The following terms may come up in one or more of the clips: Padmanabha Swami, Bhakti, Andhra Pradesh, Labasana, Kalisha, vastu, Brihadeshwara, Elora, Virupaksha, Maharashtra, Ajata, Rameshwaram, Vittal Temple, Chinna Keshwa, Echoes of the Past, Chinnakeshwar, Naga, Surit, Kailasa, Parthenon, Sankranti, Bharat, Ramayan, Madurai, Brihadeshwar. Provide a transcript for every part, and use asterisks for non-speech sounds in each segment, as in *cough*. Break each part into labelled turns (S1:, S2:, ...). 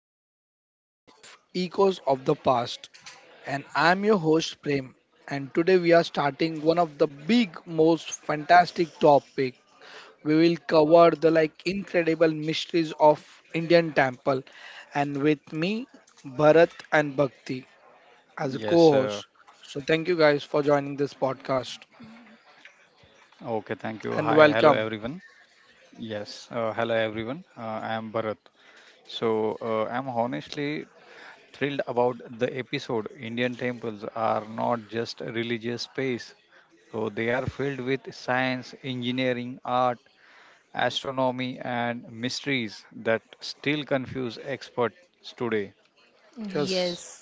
S1: exciting episode of Echoes of the Past. And I'm your host, Prem. And today we are starting one of the big, most fantastic topic. We will cover the incredible mysteries of Indian temple. And with me, Bharat and Bhakti as a
S2: Yes,
S1: co-host.
S2: uh,
S1: So, thank you guys for joining this podcast
S2: okay, Thank you. Hi,
S1: and
S2: hello
S1: welcome.
S2: everyone. Yes, Hello everyone. I am Bharat. So, I'm honestly thrilled about the episode. Indian temples are not just a religious space, so they are filled with science, engineering, art, astronomy, and mysteries that still confuse experts today.
S1: Yes.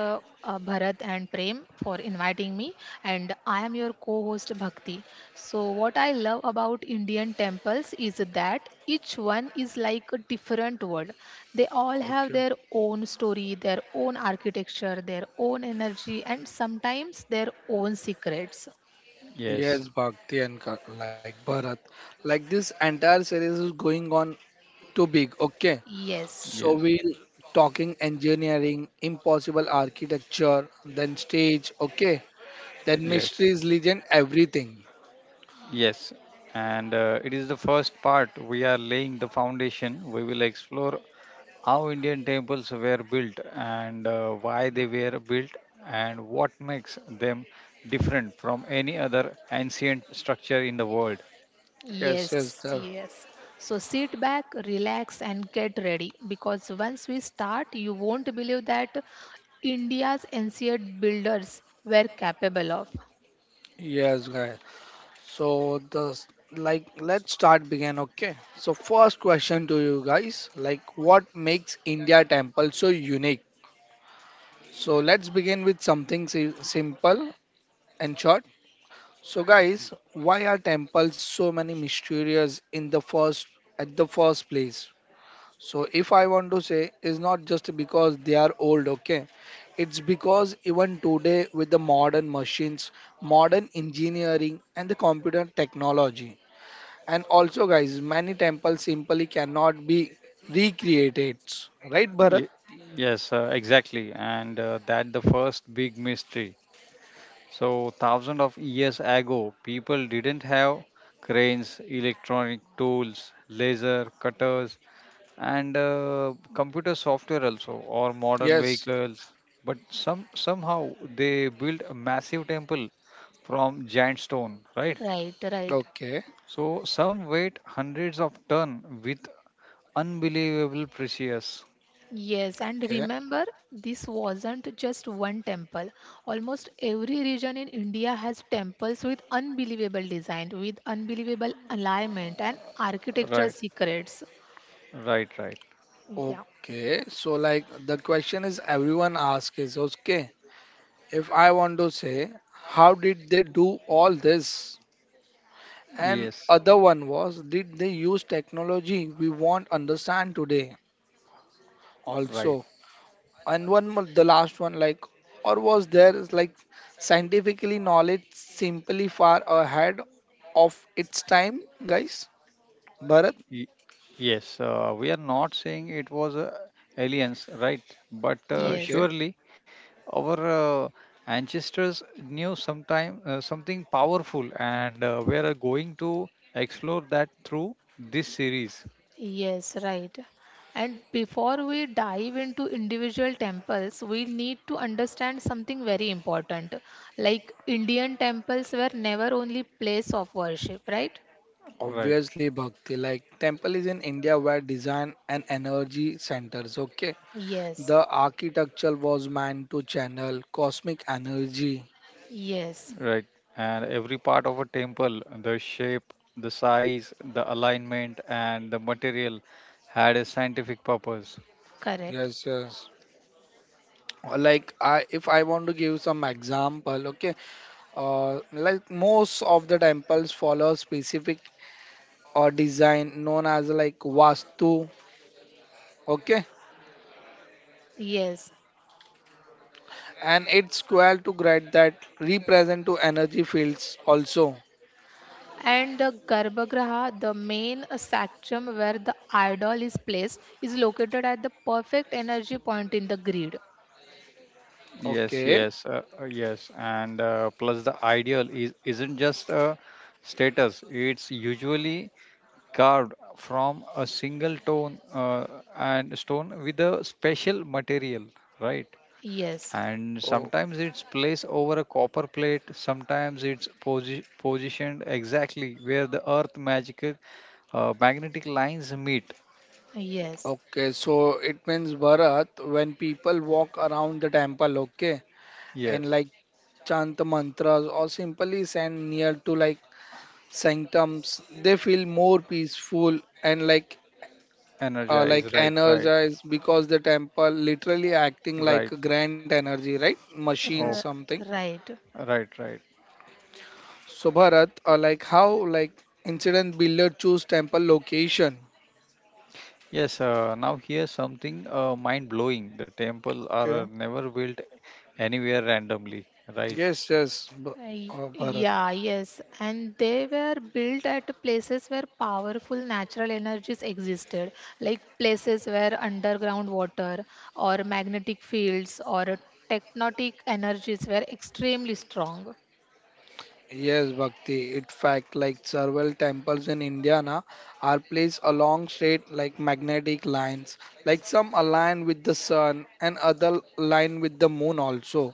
S3: Bharat and Prem for inviting me, and I am your co host Bhakti. So, what I love about Indian temples is that each one is like a different world. They all have their
S1: Okay.
S3: own story, their own architecture, their own energy, and sometimes their own secrets.
S2: Yes,
S1: Yes, Bhakti and Bharat, like this entire series is going on too big. Okay,
S3: Yes.
S1: so
S2: yes,
S1: we'll talking engineering, impossible architecture, then stage. Okay, then
S2: yes,
S1: mysteries, legend, everything.
S2: yes. And it is the first part. We are laying the foundation. We will explore how Indian temples were built and why they were built and what makes them different from any other ancient structure in the world.
S1: Yes, yes,
S3: Yes,
S1: the,
S3: yes. So sit back, relax, and get ready because once we start, you won't believe that India's ancient builders were capable of.
S1: yes, guys. So like let's start begin. Okay, so first question to you guys, like what makes India temple so unique? So let's begin with something simple and short. So guys, why are temples so many mysterious in the first at the first place? So if I want to say it's not just because they are old, okay? It's because even today with the modern machines, modern engineering and the computer technology. And also guys, many temples simply cannot be recreated. Right Bharat?
S2: Ye- yes, exactly. And that the first big mystery. So thousands of years ago, people didn't have cranes, electronic tools, laser cutters, and computer software also or modern
S1: Yes.
S2: vehicles, but somehow they built a massive temple from giant stone, right?
S3: Right, right.
S1: Okay.
S2: So some weight hundreds of ton with unbelievable precious.
S3: Yes, and
S1: Okay.
S3: remember, this wasn't just one temple. Almost every region in India has temples with unbelievable design, with unbelievable alignment and architectural
S2: Right,
S3: secrets.
S2: right, right,
S3: Yeah.
S1: Okay. So like the question is everyone asks is okay. If I want to say, how did they do all this? And
S2: yes,
S1: other one was, did they use technology we won't understand today
S2: right.
S1: also? And one more, the last one, like, or was there is like scientifically knowledge simply far ahead of its time, guys? Bharat,
S2: Y- yes we are not saying it was aliens, right? But
S3: Yes.
S1: okay.
S2: surely our ancestors knew sometime something powerful, and we are going to explore that through this series.
S3: Yes, right. And before we dive into individual temples, we need to understand something very important. Like Indian temples were never only place of worship, right?
S2: Right,
S1: Obviously, Bhakti, like temple is in India where design and energy centers, okay.
S3: Yes.
S1: The architecture was meant to channel cosmic energy.
S3: Yes.
S2: right. And every part of a temple, the shape, the size, the alignment and the material, had a scientific purpose.
S3: Correct.
S1: Yes, yes. Or if I want to give some example, okay, like most of the temples follow specific or design known as like vastu, okay,
S3: Yes.
S1: and it's square to grade that represent to energy fields also,
S3: And the Garbhagriha, the main sacrum where the idol is placed, is located at the perfect energy point in the grid.
S1: okay.
S2: Yes. And plus the ideal is isn't just a status. It's usually carved from a single stone, and stone with a special material, right?
S3: Yes.
S2: And
S1: Oh,
S2: sometimes it's placed over a copper plate. Sometimes it's positioned exactly where the earth magical magnetic lines meet.
S3: Yes.
S1: okay. So it means Bharat when people walk around the temple, okay,
S2: Yes,
S1: and like chant the mantras or simply stand near to like sanctums they feel more peaceful and
S2: energize,
S1: like
S2: right, right,
S1: energized because the temple literally acting like
S2: right,
S1: a grand energy right machine
S2: oh,
S3: R-
S1: something
S3: right.
S2: right, right.
S1: so bharat like how like incident builder choose temple location
S2: Yes Now here's something mind blowing. The temple are
S1: okay
S2: never built anywhere randomly, right?
S1: yes yes
S3: Y-
S1: bharat
S3: Yeah, yes. And they were built at places where powerful natural energies existed, like places where underground water or magnetic fields or tectonic energies were extremely strong.
S1: Yes, Bhakti. In fact, like several temples in Indiana are placed along straight, like magnetic lines. Like some align with the sun, and other align with the moon also,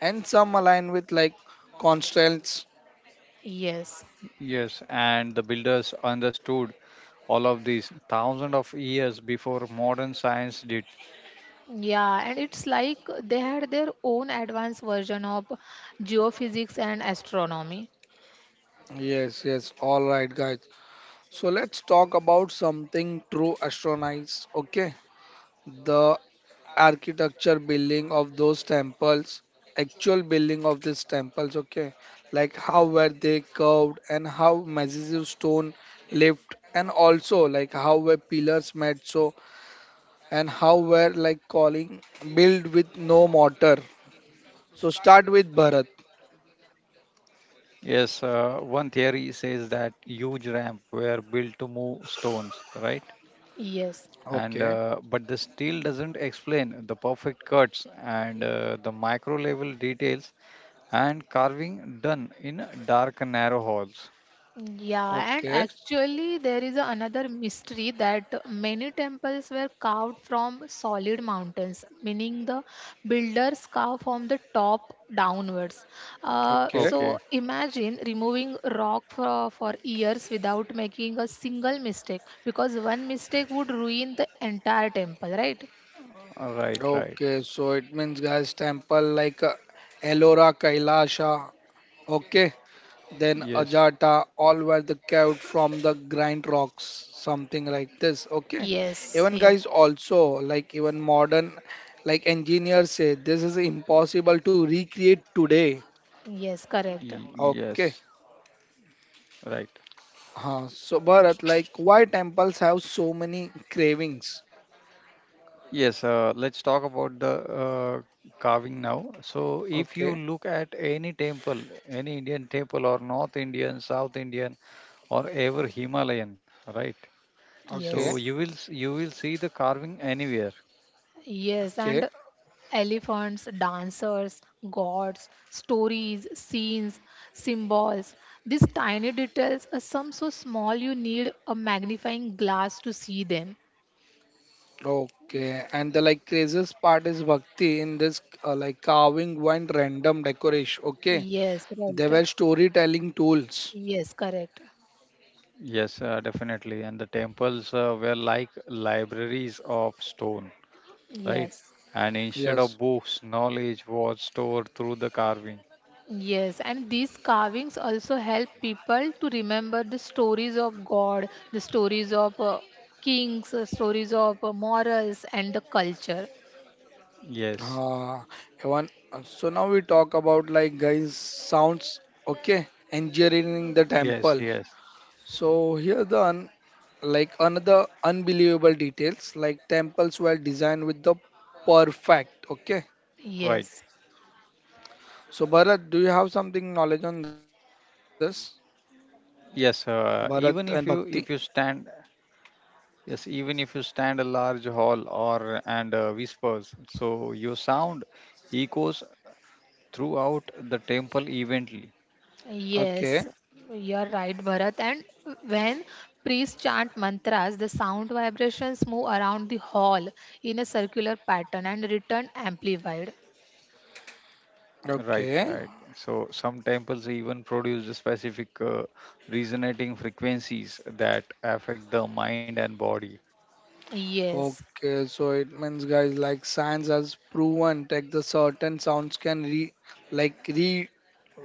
S1: and some align with like constants.
S3: Yes.
S2: Yes, and the builders understood all of these thousands of years before modern science did.
S3: Yeah, and it's like they had their own advanced version of geophysics and astronomy.
S1: Yes, yes. All right, guys. So let's talk about something true astronomy. Okay, the architecture building of those temples actual building of these temples okay like how were they curved and how massive stone lift and also like how were pillars made so and how were like calling built with no mortar so start with bharat
S2: Yes, One theory says that huge ramp were built to move stones, right?
S3: Yes.
S2: And
S1: okay
S2: uh, but this still doesn't explain the perfect cuts and the micro level details and carving done in dark narrow halls.
S3: Yeah, and
S1: okay
S3: actually, there is another mystery that many temples were carved from solid mountains, meaning the builders carved from the top downwards. Uh,
S1: okay
S2: Okay,
S3: so imagine removing rock for years without making a single mistake, because one mistake would ruin the entire temple, right?
S2: right, right.
S1: okay so it means guys temple like ellora kailasha okay then
S2: Yes,
S1: Ajata, all were the caved from the grind rocks, something like this. Okay,
S3: Yes,
S1: even
S3: yes,
S1: guys also like even modern like engineers say this is impossible to recreate today.
S3: yes, correct.
S1: Okay,
S2: yes, right.
S1: huh. So Bharat, like why temples have so many cravings?
S2: Yes, let's talk about the carving now. So, if you
S1: Okay,
S2: look at any temple, any Indian temple, or North Indian, South Indian, or ever Himalayan, right?
S1: okay,
S2: So
S3: Yes.
S2: you will you will see the carving anywhere.
S3: Yes,
S1: okay.
S3: and elephants, dancers, gods, stories, scenes, symbols. These tiny details are some so small you need a magnifying glass to see them.
S1: Okay, and the like craziest part is bhakti in this like carving one random decoration. Okay,
S3: Yes,
S1: they
S3: right.
S1: were storytelling tools.
S3: Yes, correct.
S2: Yes, Definitely. And the temples were like libraries of stone, right?
S3: Yes.
S2: And instead
S1: Yes.
S2: of books, knowledge was stored through the carving.
S3: Yes, and these carvings also help people to remember the stories of God, the stories of kings, stories of morals, and the culture.
S2: Yes,
S1: Uh, so now we talk about like guys sounds okay engineering the
S2: yes,
S1: temple.
S2: yes.
S1: So here the like another unbelievable details like temples were designed with the perfect okay.
S2: Right.
S3: Yes.
S1: So Bharat, do you have something knowledge on this? Bharat
S2: Yes,
S1: and Bhakti.
S2: Even if you stand, yes, even if you stand a large hall or and whispers, so your sound echoes throughout the temple evenly.
S1: Okay,
S3: Yes, you're right, Bharat. And when priests chant mantras, the sound vibrations move around the hall in a circular pattern and return amplified.
S2: Right,
S1: okay.
S2: right. So some temples even produce the specific resonating frequencies that affect the mind and body.
S3: Yes,
S1: Okay, so it means guys like science has proven that the certain sounds can re like re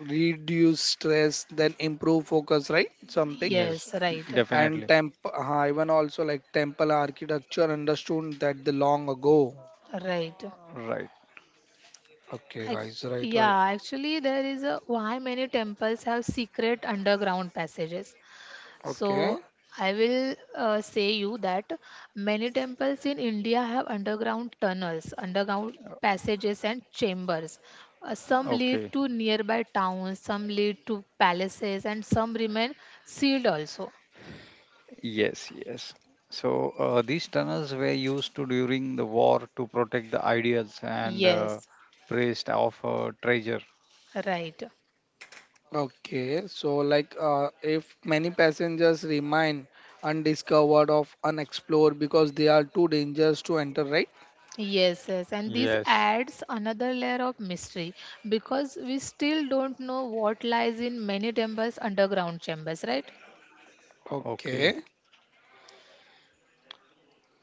S1: reduce stress, then improve focus, right? Something.
S2: Yes,
S3: yes, right,
S1: And
S2: definitely.
S1: temp even also like temple architecture understood that the long ago.
S3: right.
S2: Right.
S1: Okay,
S3: Act-
S1: guys, right, right.
S3: yeah, actually, there is a why many temples have secret underground passages.
S1: Okay.
S3: So I will say you that many temples in India have underground tunnels, underground passages and chambers. Some lead
S2: Okay.
S3: to nearby towns, some lead to palaces, and some remain sealed also.
S2: Yes, yes. So these tunnels were used to during the war to protect the ideals and
S3: Yes,
S2: praised of treasure.
S3: right.
S1: Okay, so like if many passengers remain undiscovered of unexplored because they are too dangerous to enter, right?
S3: Yes, yes, and this
S2: Yes.
S3: adds another layer of mystery because we still don't know what lies in many temples' underground chambers, right?
S1: Okay.
S2: Okay.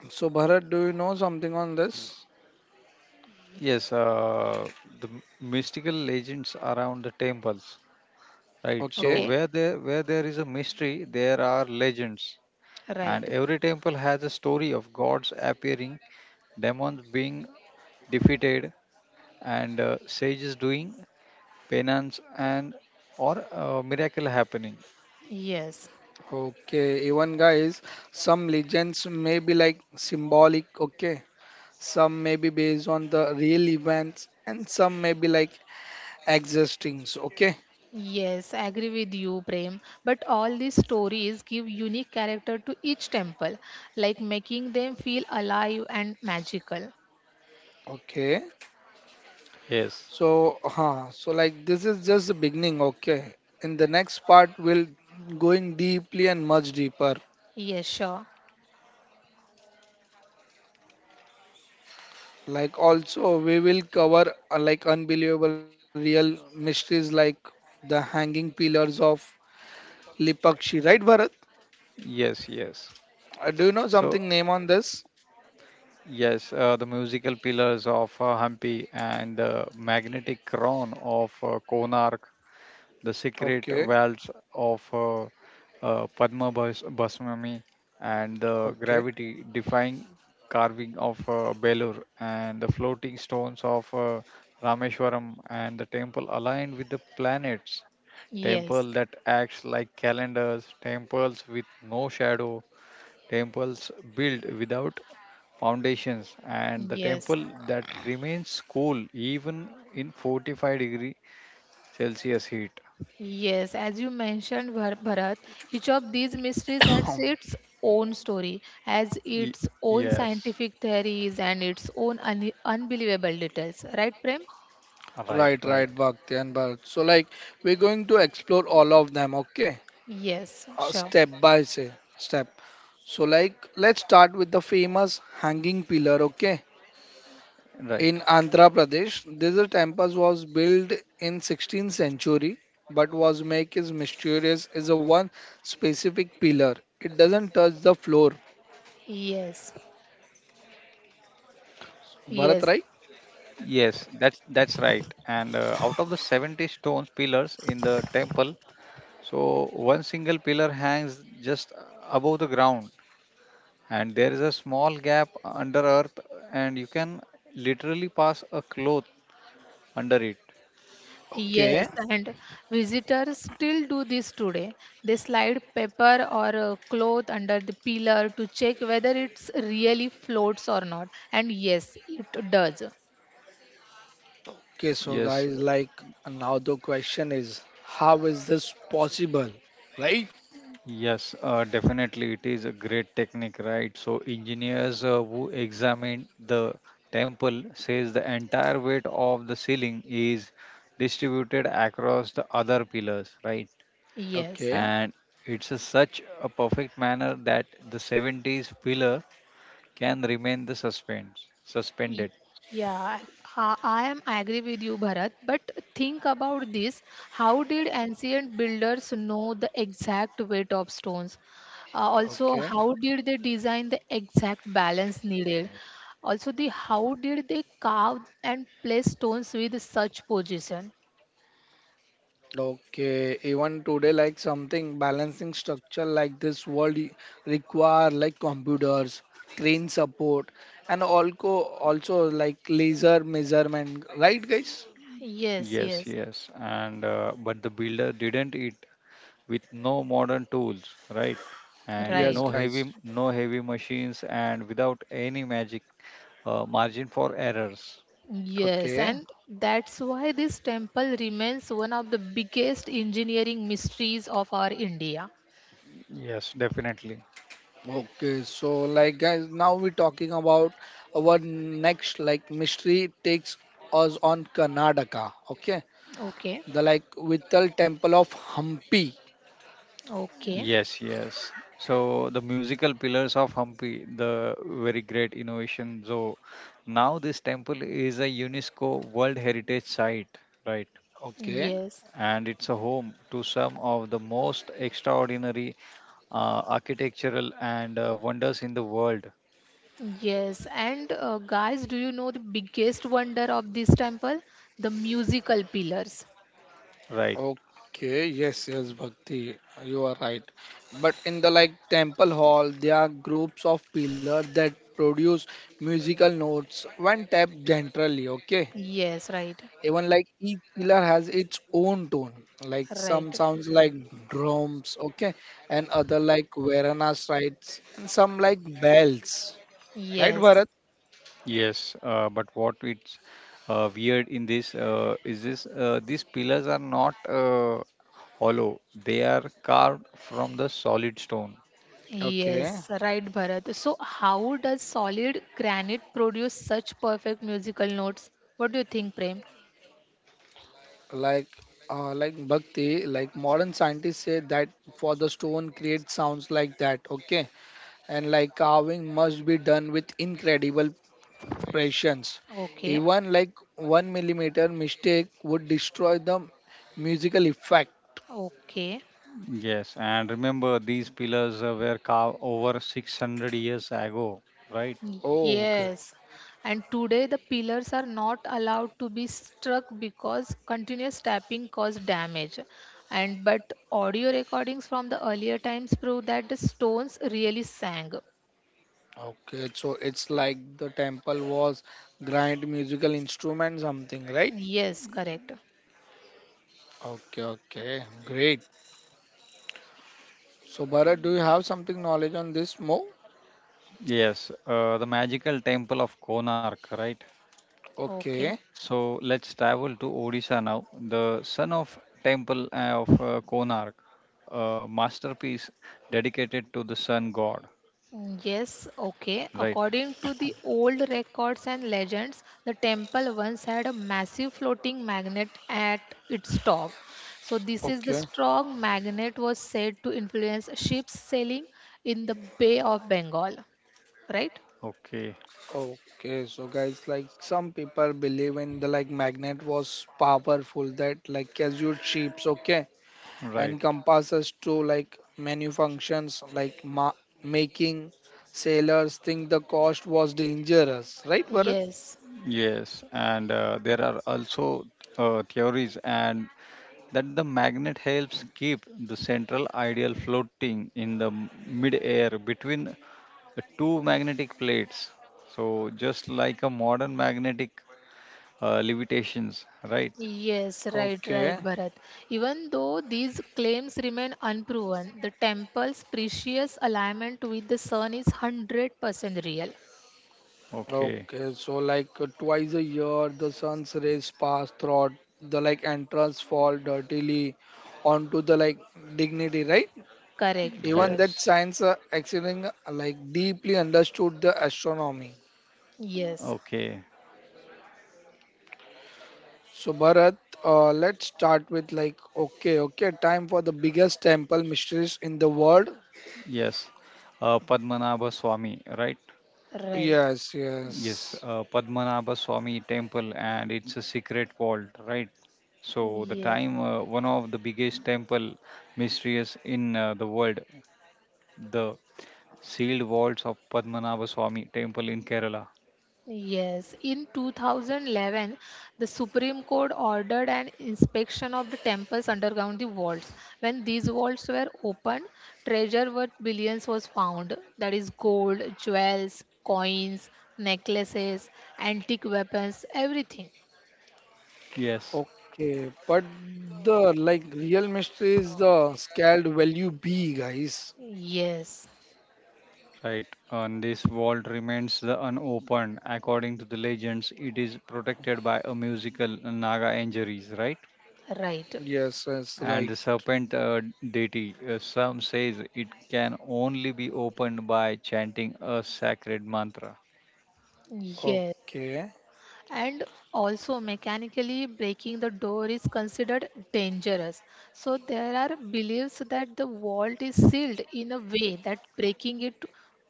S1: So, Bharat, do you know something on this?
S2: Yes, uh, the mystical legends around the temples, right?
S1: Okay,
S2: So
S3: Okay,
S2: where there is a mystery, there are legends, and
S3: right.
S2: every temple has a story of gods appearing, demons being defeated, and sages doing penance, and or miracle happening.
S3: Yes.
S1: okay. Even guys, some legends may be like symbolic, okay. Some may be based on the real events, and some may be like existings, okay,
S3: Yes, I agree with you, Prem. But all these stories give unique character to each temple, like making them feel alive and magical.
S1: okay.
S2: Yes,
S1: So, huh, so like this is just the beginning, okay. In the next part, we'll going deeply and much deeper.
S3: Yes, sure.
S1: Like also, we will cover like unbelievable real mysteries like the hanging pillars of Lipakshi, right, Bharat?
S2: yes, yes.
S1: Do you know
S2: So
S1: something name on this?
S2: Yes, the musical pillars of Hampi, and the magnetic crown of Konark, the secret
S1: Okay,
S2: wells of Padma Basmami, and the
S1: okay.
S2: gravity defying carving of Belur, and the floating stones of Rameshwaram, and the temple aligned with the planets,
S3: Yes,
S2: temple that acts like calendars, temples with no shadow, temples built without foundations, and the
S3: yes,
S2: temple that remains cool even in 45-degree celsius heat.
S3: yes. As you mentioned, Bharat, each of these mysteries
S1: *coughs*
S3: has its own story, has
S2: Y-
S3: its own
S2: yes,
S3: scientific theories and its own unbelievable details. Right, Prem?
S2: right,
S1: *clears throat*
S2: right,
S1: right, right, Bhakti and Bharat. So, like, we're going to explore all of them, okay?
S3: Yes, sure.
S1: Step by say, step. So, like, let's start with the famous hanging pillar, okay?
S2: right.
S1: In Andhra Pradesh, this temple was built in 16th century, but was make is mysterious is a one specific pillar. It doesn't touch the floor.
S3: Yes,
S1: Bharat,
S3: yes.
S1: right?
S2: Yes, that's right. and Out of the 70 stones pillars in the temple, so one single pillar hangs just above the ground, and there is a small gap under earth, and you can literally pass a cloth under it.
S3: Yes,
S1: Okay.
S3: and visitors still do this today. They slide paper or a cloth under the pillar to check whether it's really floats or not. And yes, it does.
S1: Okay, so
S2: Yes.
S1: guys, like now the question is, how is this possible? Right?
S2: Yes, Definitely it is a great technique, right? So engineers who examined the temple says the entire weight of the ceiling is distributed across the other pillars, right?
S3: Yes.
S1: Okay,
S2: And it's a such a perfect manner that the 70s pillar can remain the suspense
S3: Y-
S2: suspended.
S3: Yeah, I agree with you, Bharat. But think about this: how did ancient builders know the exact weight of stones? Also,
S1: okay,
S3: how did they design the exact balance needed? Also, the how did they carve and place stones with such position?
S1: okay. Even today, like something balancing structure like this world require like computers, crane support, and also like laser measurement. Right, guys?
S3: Yes,
S2: Yes,
S3: yes,
S2: yes. And but the builder didn't it with no modern tools, right? And
S1: Yes,
S2: no
S3: right.
S1: guys.
S2: heavy machines and without any magic margin for errors.
S3: Yes,
S1: Okay.
S3: and that's why this temple remains one of the biggest engineering mysteries of our India.
S2: Yes, definitely.
S1: Okay, so like guys, now we're talking about our next like mystery takes us on Karnataka. Okay,
S3: Okay.
S1: the like Vittal Temple of Hampi.
S3: Okay.
S2: Yes, yes. So the musical pillars of Hampi, the very great innovation. So now this temple is a UNESCO World Heritage Site, right?
S1: Okay,
S3: Yes.
S2: And it's a home to some of the most extraordinary architectural and wonders in the world,
S3: Yes. And guys, do you know the biggest wonder of this temple? The musical pillars.
S2: right?
S1: Okay, yes, yes, Bhakti, you are right. but in the like temple hall, there are groups of pillars that produce musical notes when tapped gently. Okay,
S3: Yes, right.
S1: Even like each pillar has its own tone. Like
S3: Right.
S1: some sounds like drums, okay, and other like Varanas rites, and some like bells. Right,
S3: Yes.
S1: Bharat?
S2: Yes, but what it's weird in this is this these pillars are not hollow; they are carved from the solid stone.
S1: Okay,
S3: Yes, right, Bharat. So, how does solid granite produce such perfect musical notes? What do you think, Prem?
S1: like like bhakti, like modern scientists say that for the stone create sounds like that, okay, and like carving must be done with incredible precisions.
S3: Okay.
S1: Even like one millimeter mistake would destroy the musical effect.
S3: Okay.
S2: Yes, and remember these pillars were carved over 600 years ago, right?
S1: Oh, okay.
S3: Yes, and today the pillars are not allowed to be struck because continuous tapping caused damage. And but audio recordings from the earlier times prove that the stones really sang.
S1: Okay, so it's like the temple was grand musical instrument something, right?
S3: Yes, correct.
S1: Okay, okay, great. So Bharat, do you have something knowledge on this more?
S2: Yes, the magical temple of Konark, right?
S3: Okay.
S1: Okay,
S2: So let's travel to Odisha now. The son of temple of Konark, a masterpiece dedicated to the sun god,
S3: Yes, okay.
S2: right?
S3: According to the old records and legends, the temple once had a massive floating magnet at its top. So, this is the
S1: okay,
S3: strong magnet was said to influence ships sailing in the Bay of Bengal, right?
S2: Okay,
S1: okay. So guys, like some people believe in the like magnet was powerful that like casual shapes, okay, and
S2: right.
S1: compasses to like many functions like ma making sailors think the cost was dangerous, right, Bharat?
S3: Yes.
S2: Yes, and there are also theories and that the magnet helps keep the central ideal floating in the mid-air between the two magnetic plates. So just like a modern magnetic levitations, right?
S3: Yes, right,
S1: Okay.
S3: right, Bharat. Even though these claims remain unproven, the temple's precious alignment with the sun is 100% real.
S2: Okay.
S1: Okay, so like twice a year, the sun's rays pass through the like entrance fall dirtily onto the like dignity, right?
S3: Correct,
S1: Even
S3: correct.
S1: that
S2: Yes.
S1: science accident like deeply understood the astronomy.
S3: Yes.
S2: Okay.
S1: So Bharat, let's start with like okay, okay, time for the biggest temple mysteries in the world.
S2: Yes. Padmanabha Swami, right?
S3: Right.
S1: Yes,
S2: Yes,
S1: yes.
S2: Padmanabha Swami temple, and it's a secret vault, right? So the
S3: Yeah.
S2: time one of the biggest temple mysteries in the world, the sealed vaults of Padmanabha Swami temple in Kerala.
S3: Yes. In 2011, the Supreme Court ordered an inspection of the temples underground the vaults. When these vaults were opened, treasure worth billions was found. That is gold, jewels, coins, necklaces, antique weapons, everything.
S2: Yes,
S1: Okay, but the like real mystery is the scaled value B, guys.
S3: Yes.
S2: right. And this vault remains the unopened. According to the legends, it is protected by a musical Naga injuries, right?
S3: Right.
S1: Yes, yes,
S2: And
S1: right.
S2: the serpent deity. Some says it can only be opened by chanting a sacred mantra.
S3: Yes.
S1: Okay.
S3: And also mechanically breaking the door is considered dangerous, so there are beliefs that the vault is sealed in a way that breaking it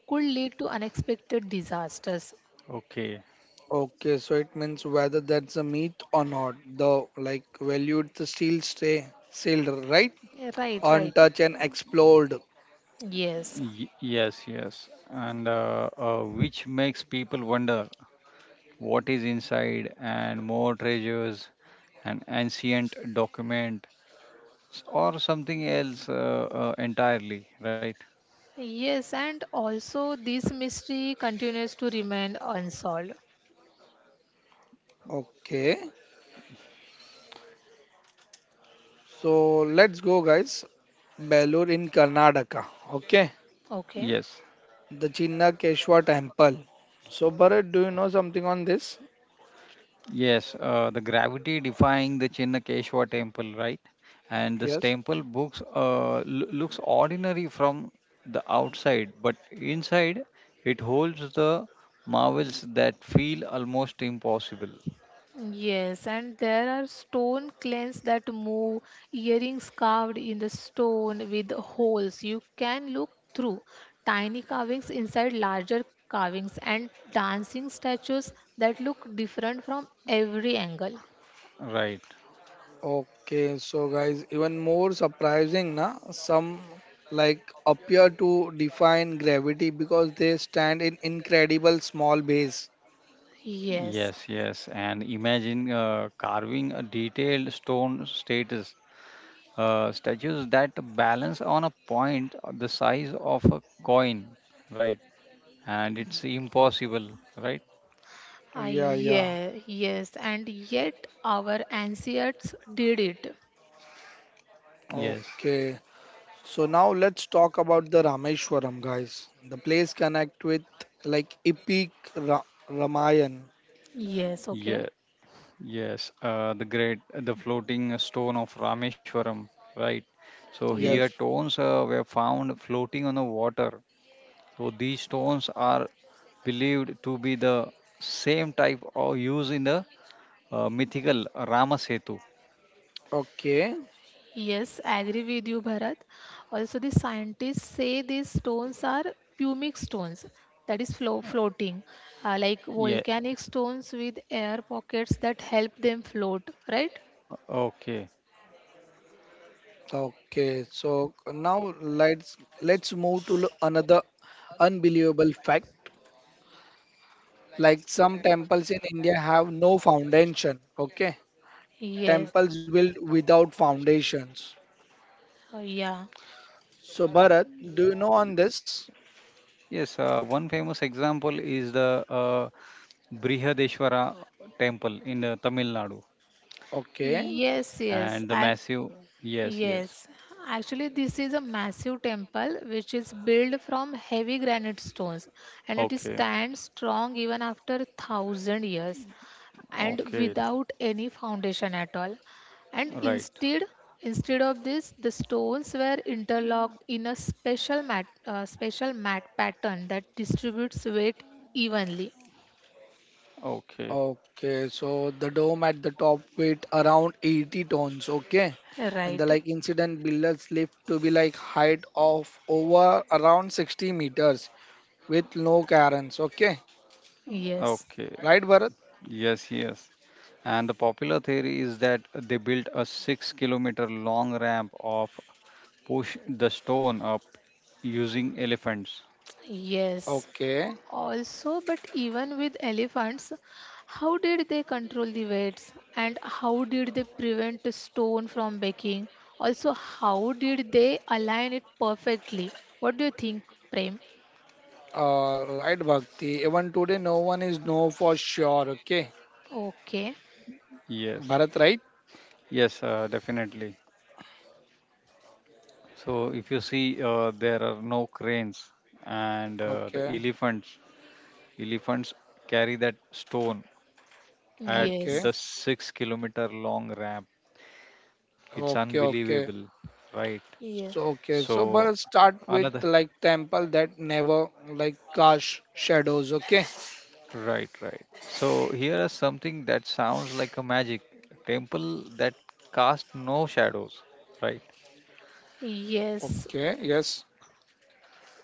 S3: could lead to unexpected disasters,
S2: Okay.
S1: Okay. So it means whether that's a myth or not, the like valued to still stay sealed, right?
S3: right, right.
S1: Untouched and explored.
S3: Yes,
S2: Yes, yes. And which makes people wonder what is inside, and more treasures, an ancient document, or something else entirely, right?
S3: yes, and also this mystery continues to remain unsolved.
S1: Okay. So let's go, guys. Belur in Karnataka. Okay.
S3: Okay.
S2: Yes.
S1: The Chinna Keshwa temple. So Bharat, do you know something on this?
S2: Yes, the gravity defying the Chinnakeshwar temple, right? And this
S1: Yes.
S2: temple books uh, looks ordinary from the outside, but inside it holds the marvels that feel almost impossible.
S3: Yes, and there are stone clans that move, earrings carved in the stone with holes you can look through, tiny carvings inside larger carvings, and dancing statues that look different from every angle.
S2: Right.
S1: Okay, so guys, even more surprising, na? Some like appear to define gravity because they stand in incredible small base.
S3: Yes.
S2: Yes, yes. And imagine carving a detailed stone status statues that balance on a point the size of a coin, right? And it's impossible, right?
S3: Ah,
S1: Yeah, yeah.
S3: yeah, yes, and yet our ancients did it.
S2: Yes.
S1: Okay. So now let's talk about the Rameshwaram, guys. The place connect with like epic Ra Ramayan.
S3: Yes, okay.
S2: Yeah, yes, the great, the floating stone of Rameshwaram, right? So here
S1: Yes.
S3: Yes.
S2: stones were found floating on the water. So these stones are believed to be the same type or used in the mythical Rama Setu.
S1: Okay.
S3: Yes, I agree with you, Bharat. Also, the scientists say these stones are pumic stones, that is floating, like
S2: Yeah,
S3: volcanic stones with air pockets that help them float, right?
S2: okay.
S1: Okay. So now let's move to another unbelievable fact. Like some temples in India have no foundation. Okay.
S3: Yes,
S1: Temples built without foundations.
S3: yeah.
S1: So, Bharat, do you know on this?
S2: Yes, One famous example is the Brihadeshwara temple in the Tamil Nadu
S1: Okay.
S3: Yes, yes.
S2: and the
S3: Ac-
S2: massive. Yes, yes.
S3: yes. Actually, this is a massive temple which is built from heavy granite stones and it is
S2: Okay,
S3: stands strong even after thousand years. And
S2: okay,
S3: without any foundation at all, and
S2: right.
S3: instead instead of this the stones were interlocked in a special mat pattern that distributes weight evenly,
S2: Okay.
S1: Okay. So, the dome at the top weight around 80 tons. Okay. And the
S3: right.
S1: like incident builders lift to be like height of over around 60 meters with no cairns. Okay.
S3: Yes,
S2: Okay.
S1: Right, Bharat?
S2: Yes, yes. And the popular theory is that they built a 6 kilometer long ramp of push the stone up using elephants.
S3: yes.
S1: Okay.
S3: Also, but even with elephants, how did they control the weights and how did they prevent the stone from breaking? Also, how did they align it perfectly? What do you think, prem?
S1: Right Bhakti. Even today, no one is know for sure. Okay.
S3: Okay.
S2: Yes.
S1: Bharat, right?
S2: Yes, Definitely. So if you see, there are no cranes, and the
S1: Okay,
S2: elephants elephants carry that stone at
S1: okay,
S3: Yes.
S2: the 6 kilometer long ramp. It's
S1: okay, okay.
S2: unbelievable, right?
S3: Yes.
S1: So okay, so but
S2: So
S1: I'll start with
S2: another,
S1: like temple that never like cast shadows. Okay,
S2: right, right. So here is something that sounds like a magic temple that casts no shadows, right?
S1: okay,
S3: Yes.
S1: yes,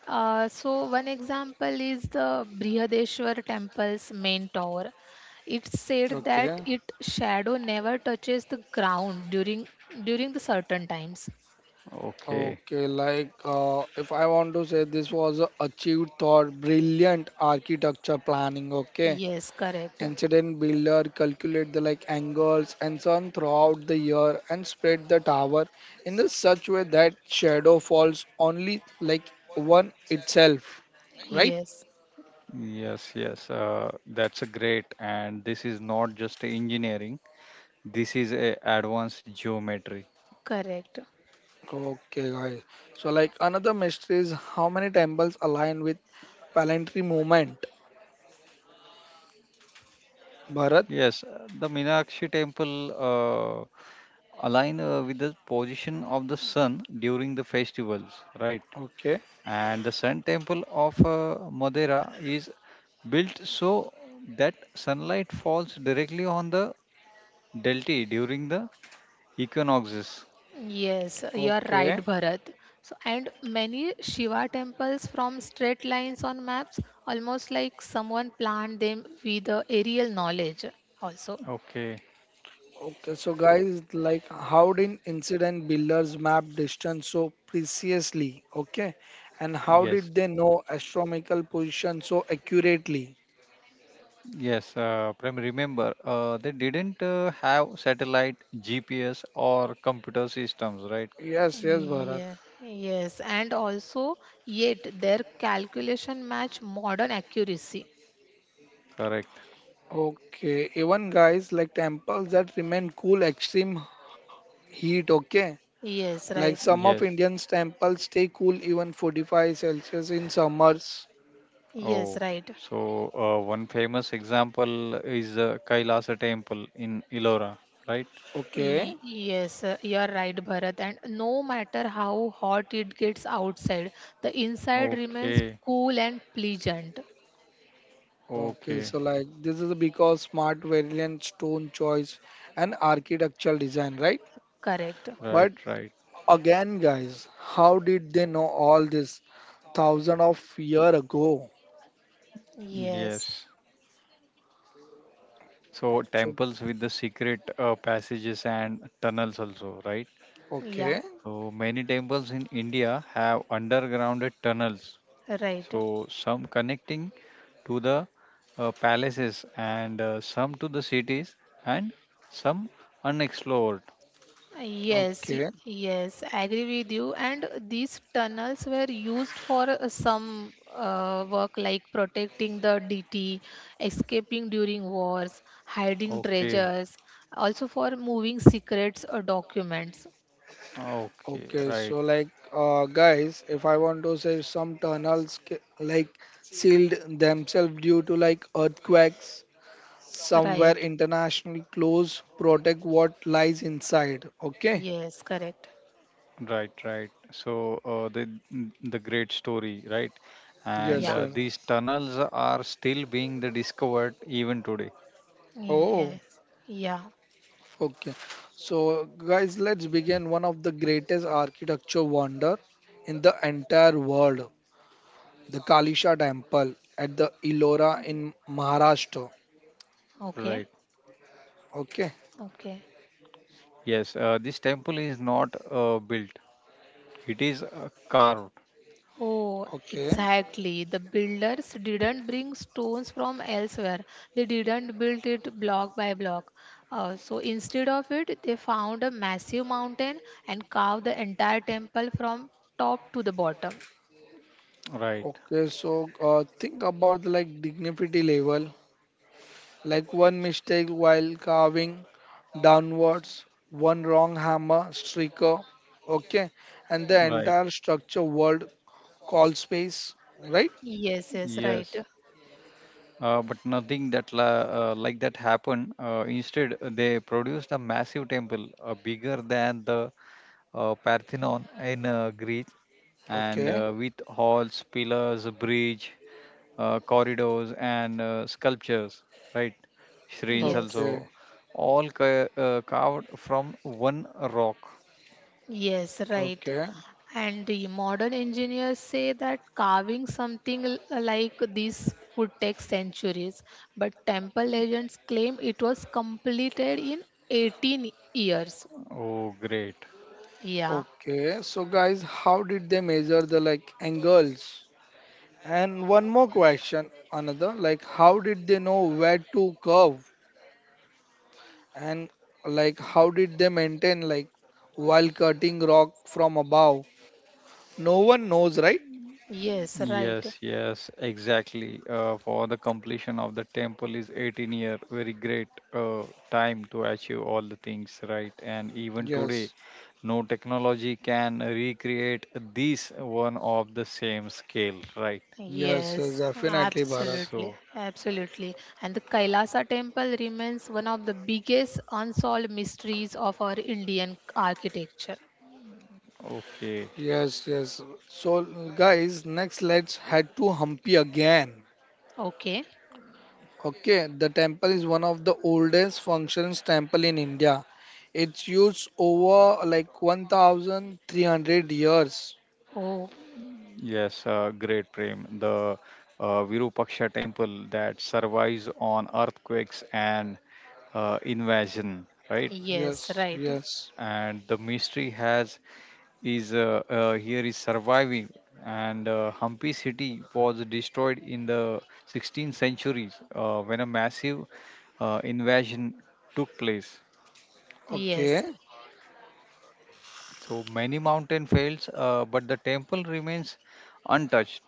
S3: So one example is the Brihadeshwar temple's main tower. It's said that
S1: okay,
S3: its shadow never touches the ground during the certain times.
S2: Okay.
S1: okay. Like if I want to say this was a achieved thought, brilliant architecture planning. Okay,
S3: Yes, correct.
S1: Incident builder calculate the like angles and so on throughout the year and spread the tower in the such way that shadow falls only like one itself. Right?
S3: Yes,
S2: Yes, yes. That's a great. And this is not just engineering. This is a advanced geometry.
S3: correct.
S1: Okay, guys. So like another mystery is how many temples align with planetary movement. Bharat.
S2: Yes, the Minakshi temple align with the position of the sun during the festivals, right?
S1: Okay.
S2: And the sun temple of Madeira is built so that sunlight falls directly on the delta during the equinoxes.
S3: Yes, you are right,
S1: Okay.
S3: Bharat. So, and many Shiva temples from straight lines on maps, almost like someone planned them with the aerial knowledge, also.
S2: Okay,
S1: Okay, so guys, like how did incident builders map distance so precisely? Okay, and how
S2: yes,
S1: did they know astronomical position so accurately?
S2: yes, Prem, remember they didn't have satellite, GPS, or computer systems, right?
S1: Yes, yes, Bharat.
S3: Yeah, yes, and also, yet their calculation match modern accuracy.
S2: Correct,
S1: Okay, even guys like temples that remain cool extreme heat. Okay,
S3: Yes,
S1: like
S3: right.
S1: some of
S2: yes.
S1: Indians temples stay cool even 45 Celsius in summers.
S3: Yes,
S2: Oh,
S3: right.
S2: so one famous example is Kailasa temple in Elora, right?
S3: Y-
S1: Okay.
S3: Yes, you are right, Bharat. And no matter how hot it gets outside, the inside remains
S2: Okay,
S3: cool and pleasant.
S1: Okay,
S2: okay,
S1: so like this is because smart variant stone choice and architectural design, right?
S3: Correct.
S1: But
S2: right, right.
S1: Again, guys, how did they know all this thousand of year ago?
S3: Yes,
S2: Yes. So
S1: So,
S2: temples with the secret passages and tunnels also, right?
S3: yeah,
S1: okay,
S2: So many temples in India have underground tunnels.
S3: right.
S2: So some connecting to the palaces and some to the cities and some unexplored.
S3: Yes,
S1: okay,
S3: yes, agree with you. And these tunnels were used for some work like protecting the DT, escaping during wars, hiding
S2: Okay.
S3: treasures, also for moving secrets or documents.
S2: Okay.
S1: okay.
S2: Right.
S1: So, like, guys, if I want to say some tunnels like sealed themselves due to like earthquakes,
S3: Right.
S1: somewhere international close protect what lies inside. Okay,
S3: Yes, correct.
S2: Right. Right. So the great story, right? And
S1: yes,
S3: Yeah.
S2: uh,
S1: yes.
S2: these tunnels are still being the discovered even today.
S1: Oh,
S3: Yes. Yeah.
S1: okay. So, guys, let's begin one of the greatest architecture wonder in the entire world the Kalisha temple at the Elora in Maharashtra.
S3: Okay.
S2: Right.
S1: Okay,
S3: Okay.
S2: Yes, this temple is not built. It is carved,
S3: Oh,
S1: okay,
S3: exactly. The builders didn't bring stones from elsewhere. They didn't build it block by block. So instead of it, they found a massive mountain and carved the entire temple from top to the bottom.
S2: right?
S1: okay. So think about like dignity level, like one mistake while carving downwards, one wrong hammer striker. Okay, and the
S2: Right.
S1: entire structure world call space, right?
S3: Yes, yes, right.
S2: Yes. But nothing that la like that happened. Instead, they produced a massive temple, bigger than the Parthenon in Greece, and
S1: Okay,
S2: with halls, pillars, bridge, corridors, and sculptures, right? Shrines
S3: Yes.
S2: also,
S1: okay,
S2: all ca carved from one rock.
S3: Yes, right.
S1: okay,
S3: And the modern engineers say that carving something like this would take centuries, but temple legends claim it was completed in 18 years.
S2: Oh, great.
S3: Yeah,
S1: okay. So guys, how did they measure the like angles? And one more question, another like how did they know where to curve and like how did they maintain like while cutting rock from above? No one knows, right?
S3: yes, right.
S2: Yes, yes, exactly. For the completion of the temple is 18-year, very great time to achieve all the things, right? And even today,
S1: Yes,
S2: no technology can recreate this one of the same scale, right?
S1: yes, yes,
S3: Yes,
S1: definitely, Bharat.
S3: absolutely,
S2: So,
S3: absolutely. And the Kailasa temple remains one of the biggest unsolved mysteries of our Indian architecture.
S2: okay,
S1: Yes, yes. So, guys, next let's head to Hampi again.
S3: Okay.
S1: Okay, the temple is one of the oldest functions temple in India. It's used over like 1,300 years.
S3: Oh,
S2: yes, great, Prem. The Virupaksha temple that survives on earthquakes and invasion, right?
S3: yes,
S1: Yes,
S3: right.
S1: yes.
S2: And the mystery has is here is surviving, and Hampi city was destroyed in the 16th centuries when a massive invasion took place.
S3: Yes.
S1: Okay.
S2: So many mountain fails, but the temple remains untouched.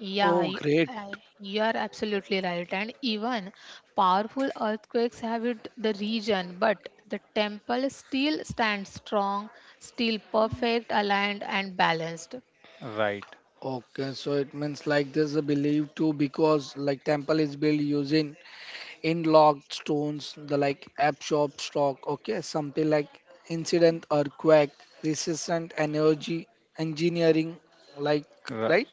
S3: Yeah,
S1: Oh, great.
S3: you are absolutely right. And even powerful earthquakes have hit the region, but the temple still stands strong, still perfect, aligned, and balanced.
S2: Right,
S1: Okay, so it means like this is believed to because like temple is built using in-locked stones, the like absorb stock. Okay, something like incident earthquake, resistant energy engineering, like
S2: right,
S1: right?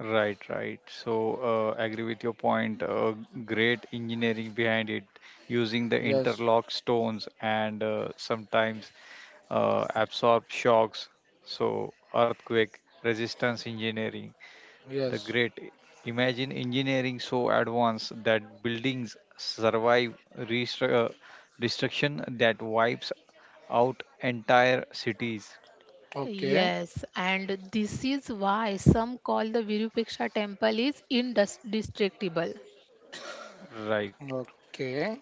S2: right, right. So agree with your point. Great engineering behind it, using the
S1: Yes,
S2: interlock stones and sometimes absorb shocks. So, earthquake resistance engineering, the
S1: yes.
S2: great. Imagine engineering so advanced that buildings survive destruction that wipes out entire cities.
S1: Okay,
S3: Yes, and this is why some call the Virupaksha temple is indestructible.
S2: Right.
S1: okay,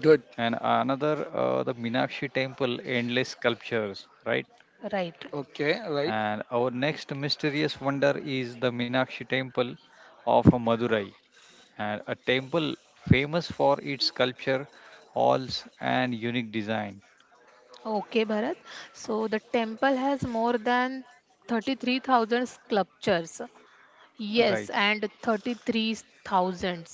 S1: good.
S2: And another, the Minakshi temple, endless sculptures. Right.
S3: Right.
S1: Okay, right.
S2: And our next mysterious wonder is the Minakshi temple of Madurai and a temple famous for its sculpture, halls, and unique design.
S3: Okay, Bharat. So the temple has more than 33,000 sculptures. Yes,
S2: Right.
S3: and 33,000.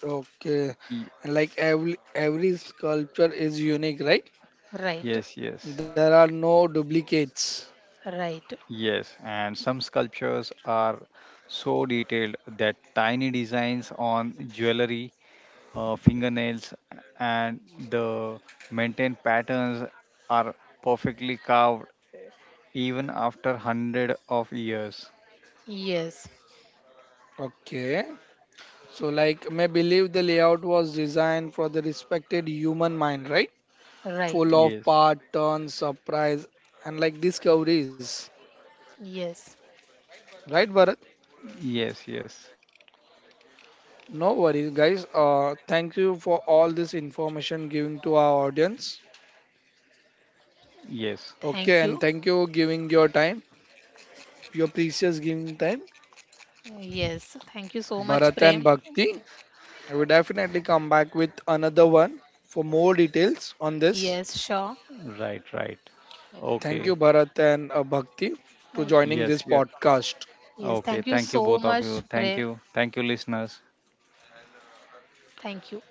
S1: Okay,
S2: Y-
S1: and like every sculpture is unique, right?
S3: Right,
S2: Yes, yes,
S1: There are no duplicates.
S3: right.
S2: yes. And some sculptures are so detailed that tiny designs on jewelry, fingernails, and the maintained patterns are perfectly carved even after hundred of years.
S3: Yes,
S1: Okay. So, like, may believe the layout was designed for the respected human mind, right? Full
S3: right.
S1: of
S2: Yes,
S1: part, turn, surprise, and like discoveries,
S3: Yes.
S1: right, Bharat?
S2: yes, yes,
S1: No worries, guys. Thank you for all this information giving to our audience.
S2: yes.
S1: Okay,
S3: Thank
S1: and
S3: you.
S1: thank you giving your time, your precious giving time,
S3: Yes. Thank you so much,
S1: Bharat and
S3: Prem.
S1: Bhakti. I will definitely come back with another one for more details on this.
S3: Yes, sure.
S2: Right, right.
S1: Thank you,
S2: Okay.
S1: Bharat and Bhakti, to
S3: Like,
S1: joining this
S2: Yes, yeah.
S1: podcast.
S3: yes,
S2: Okay,
S3: thank you
S2: thank you
S3: so
S2: both of
S3: much,
S2: you. Thank
S3: Prem.
S2: you. Thank you listeners.
S3: Thank you.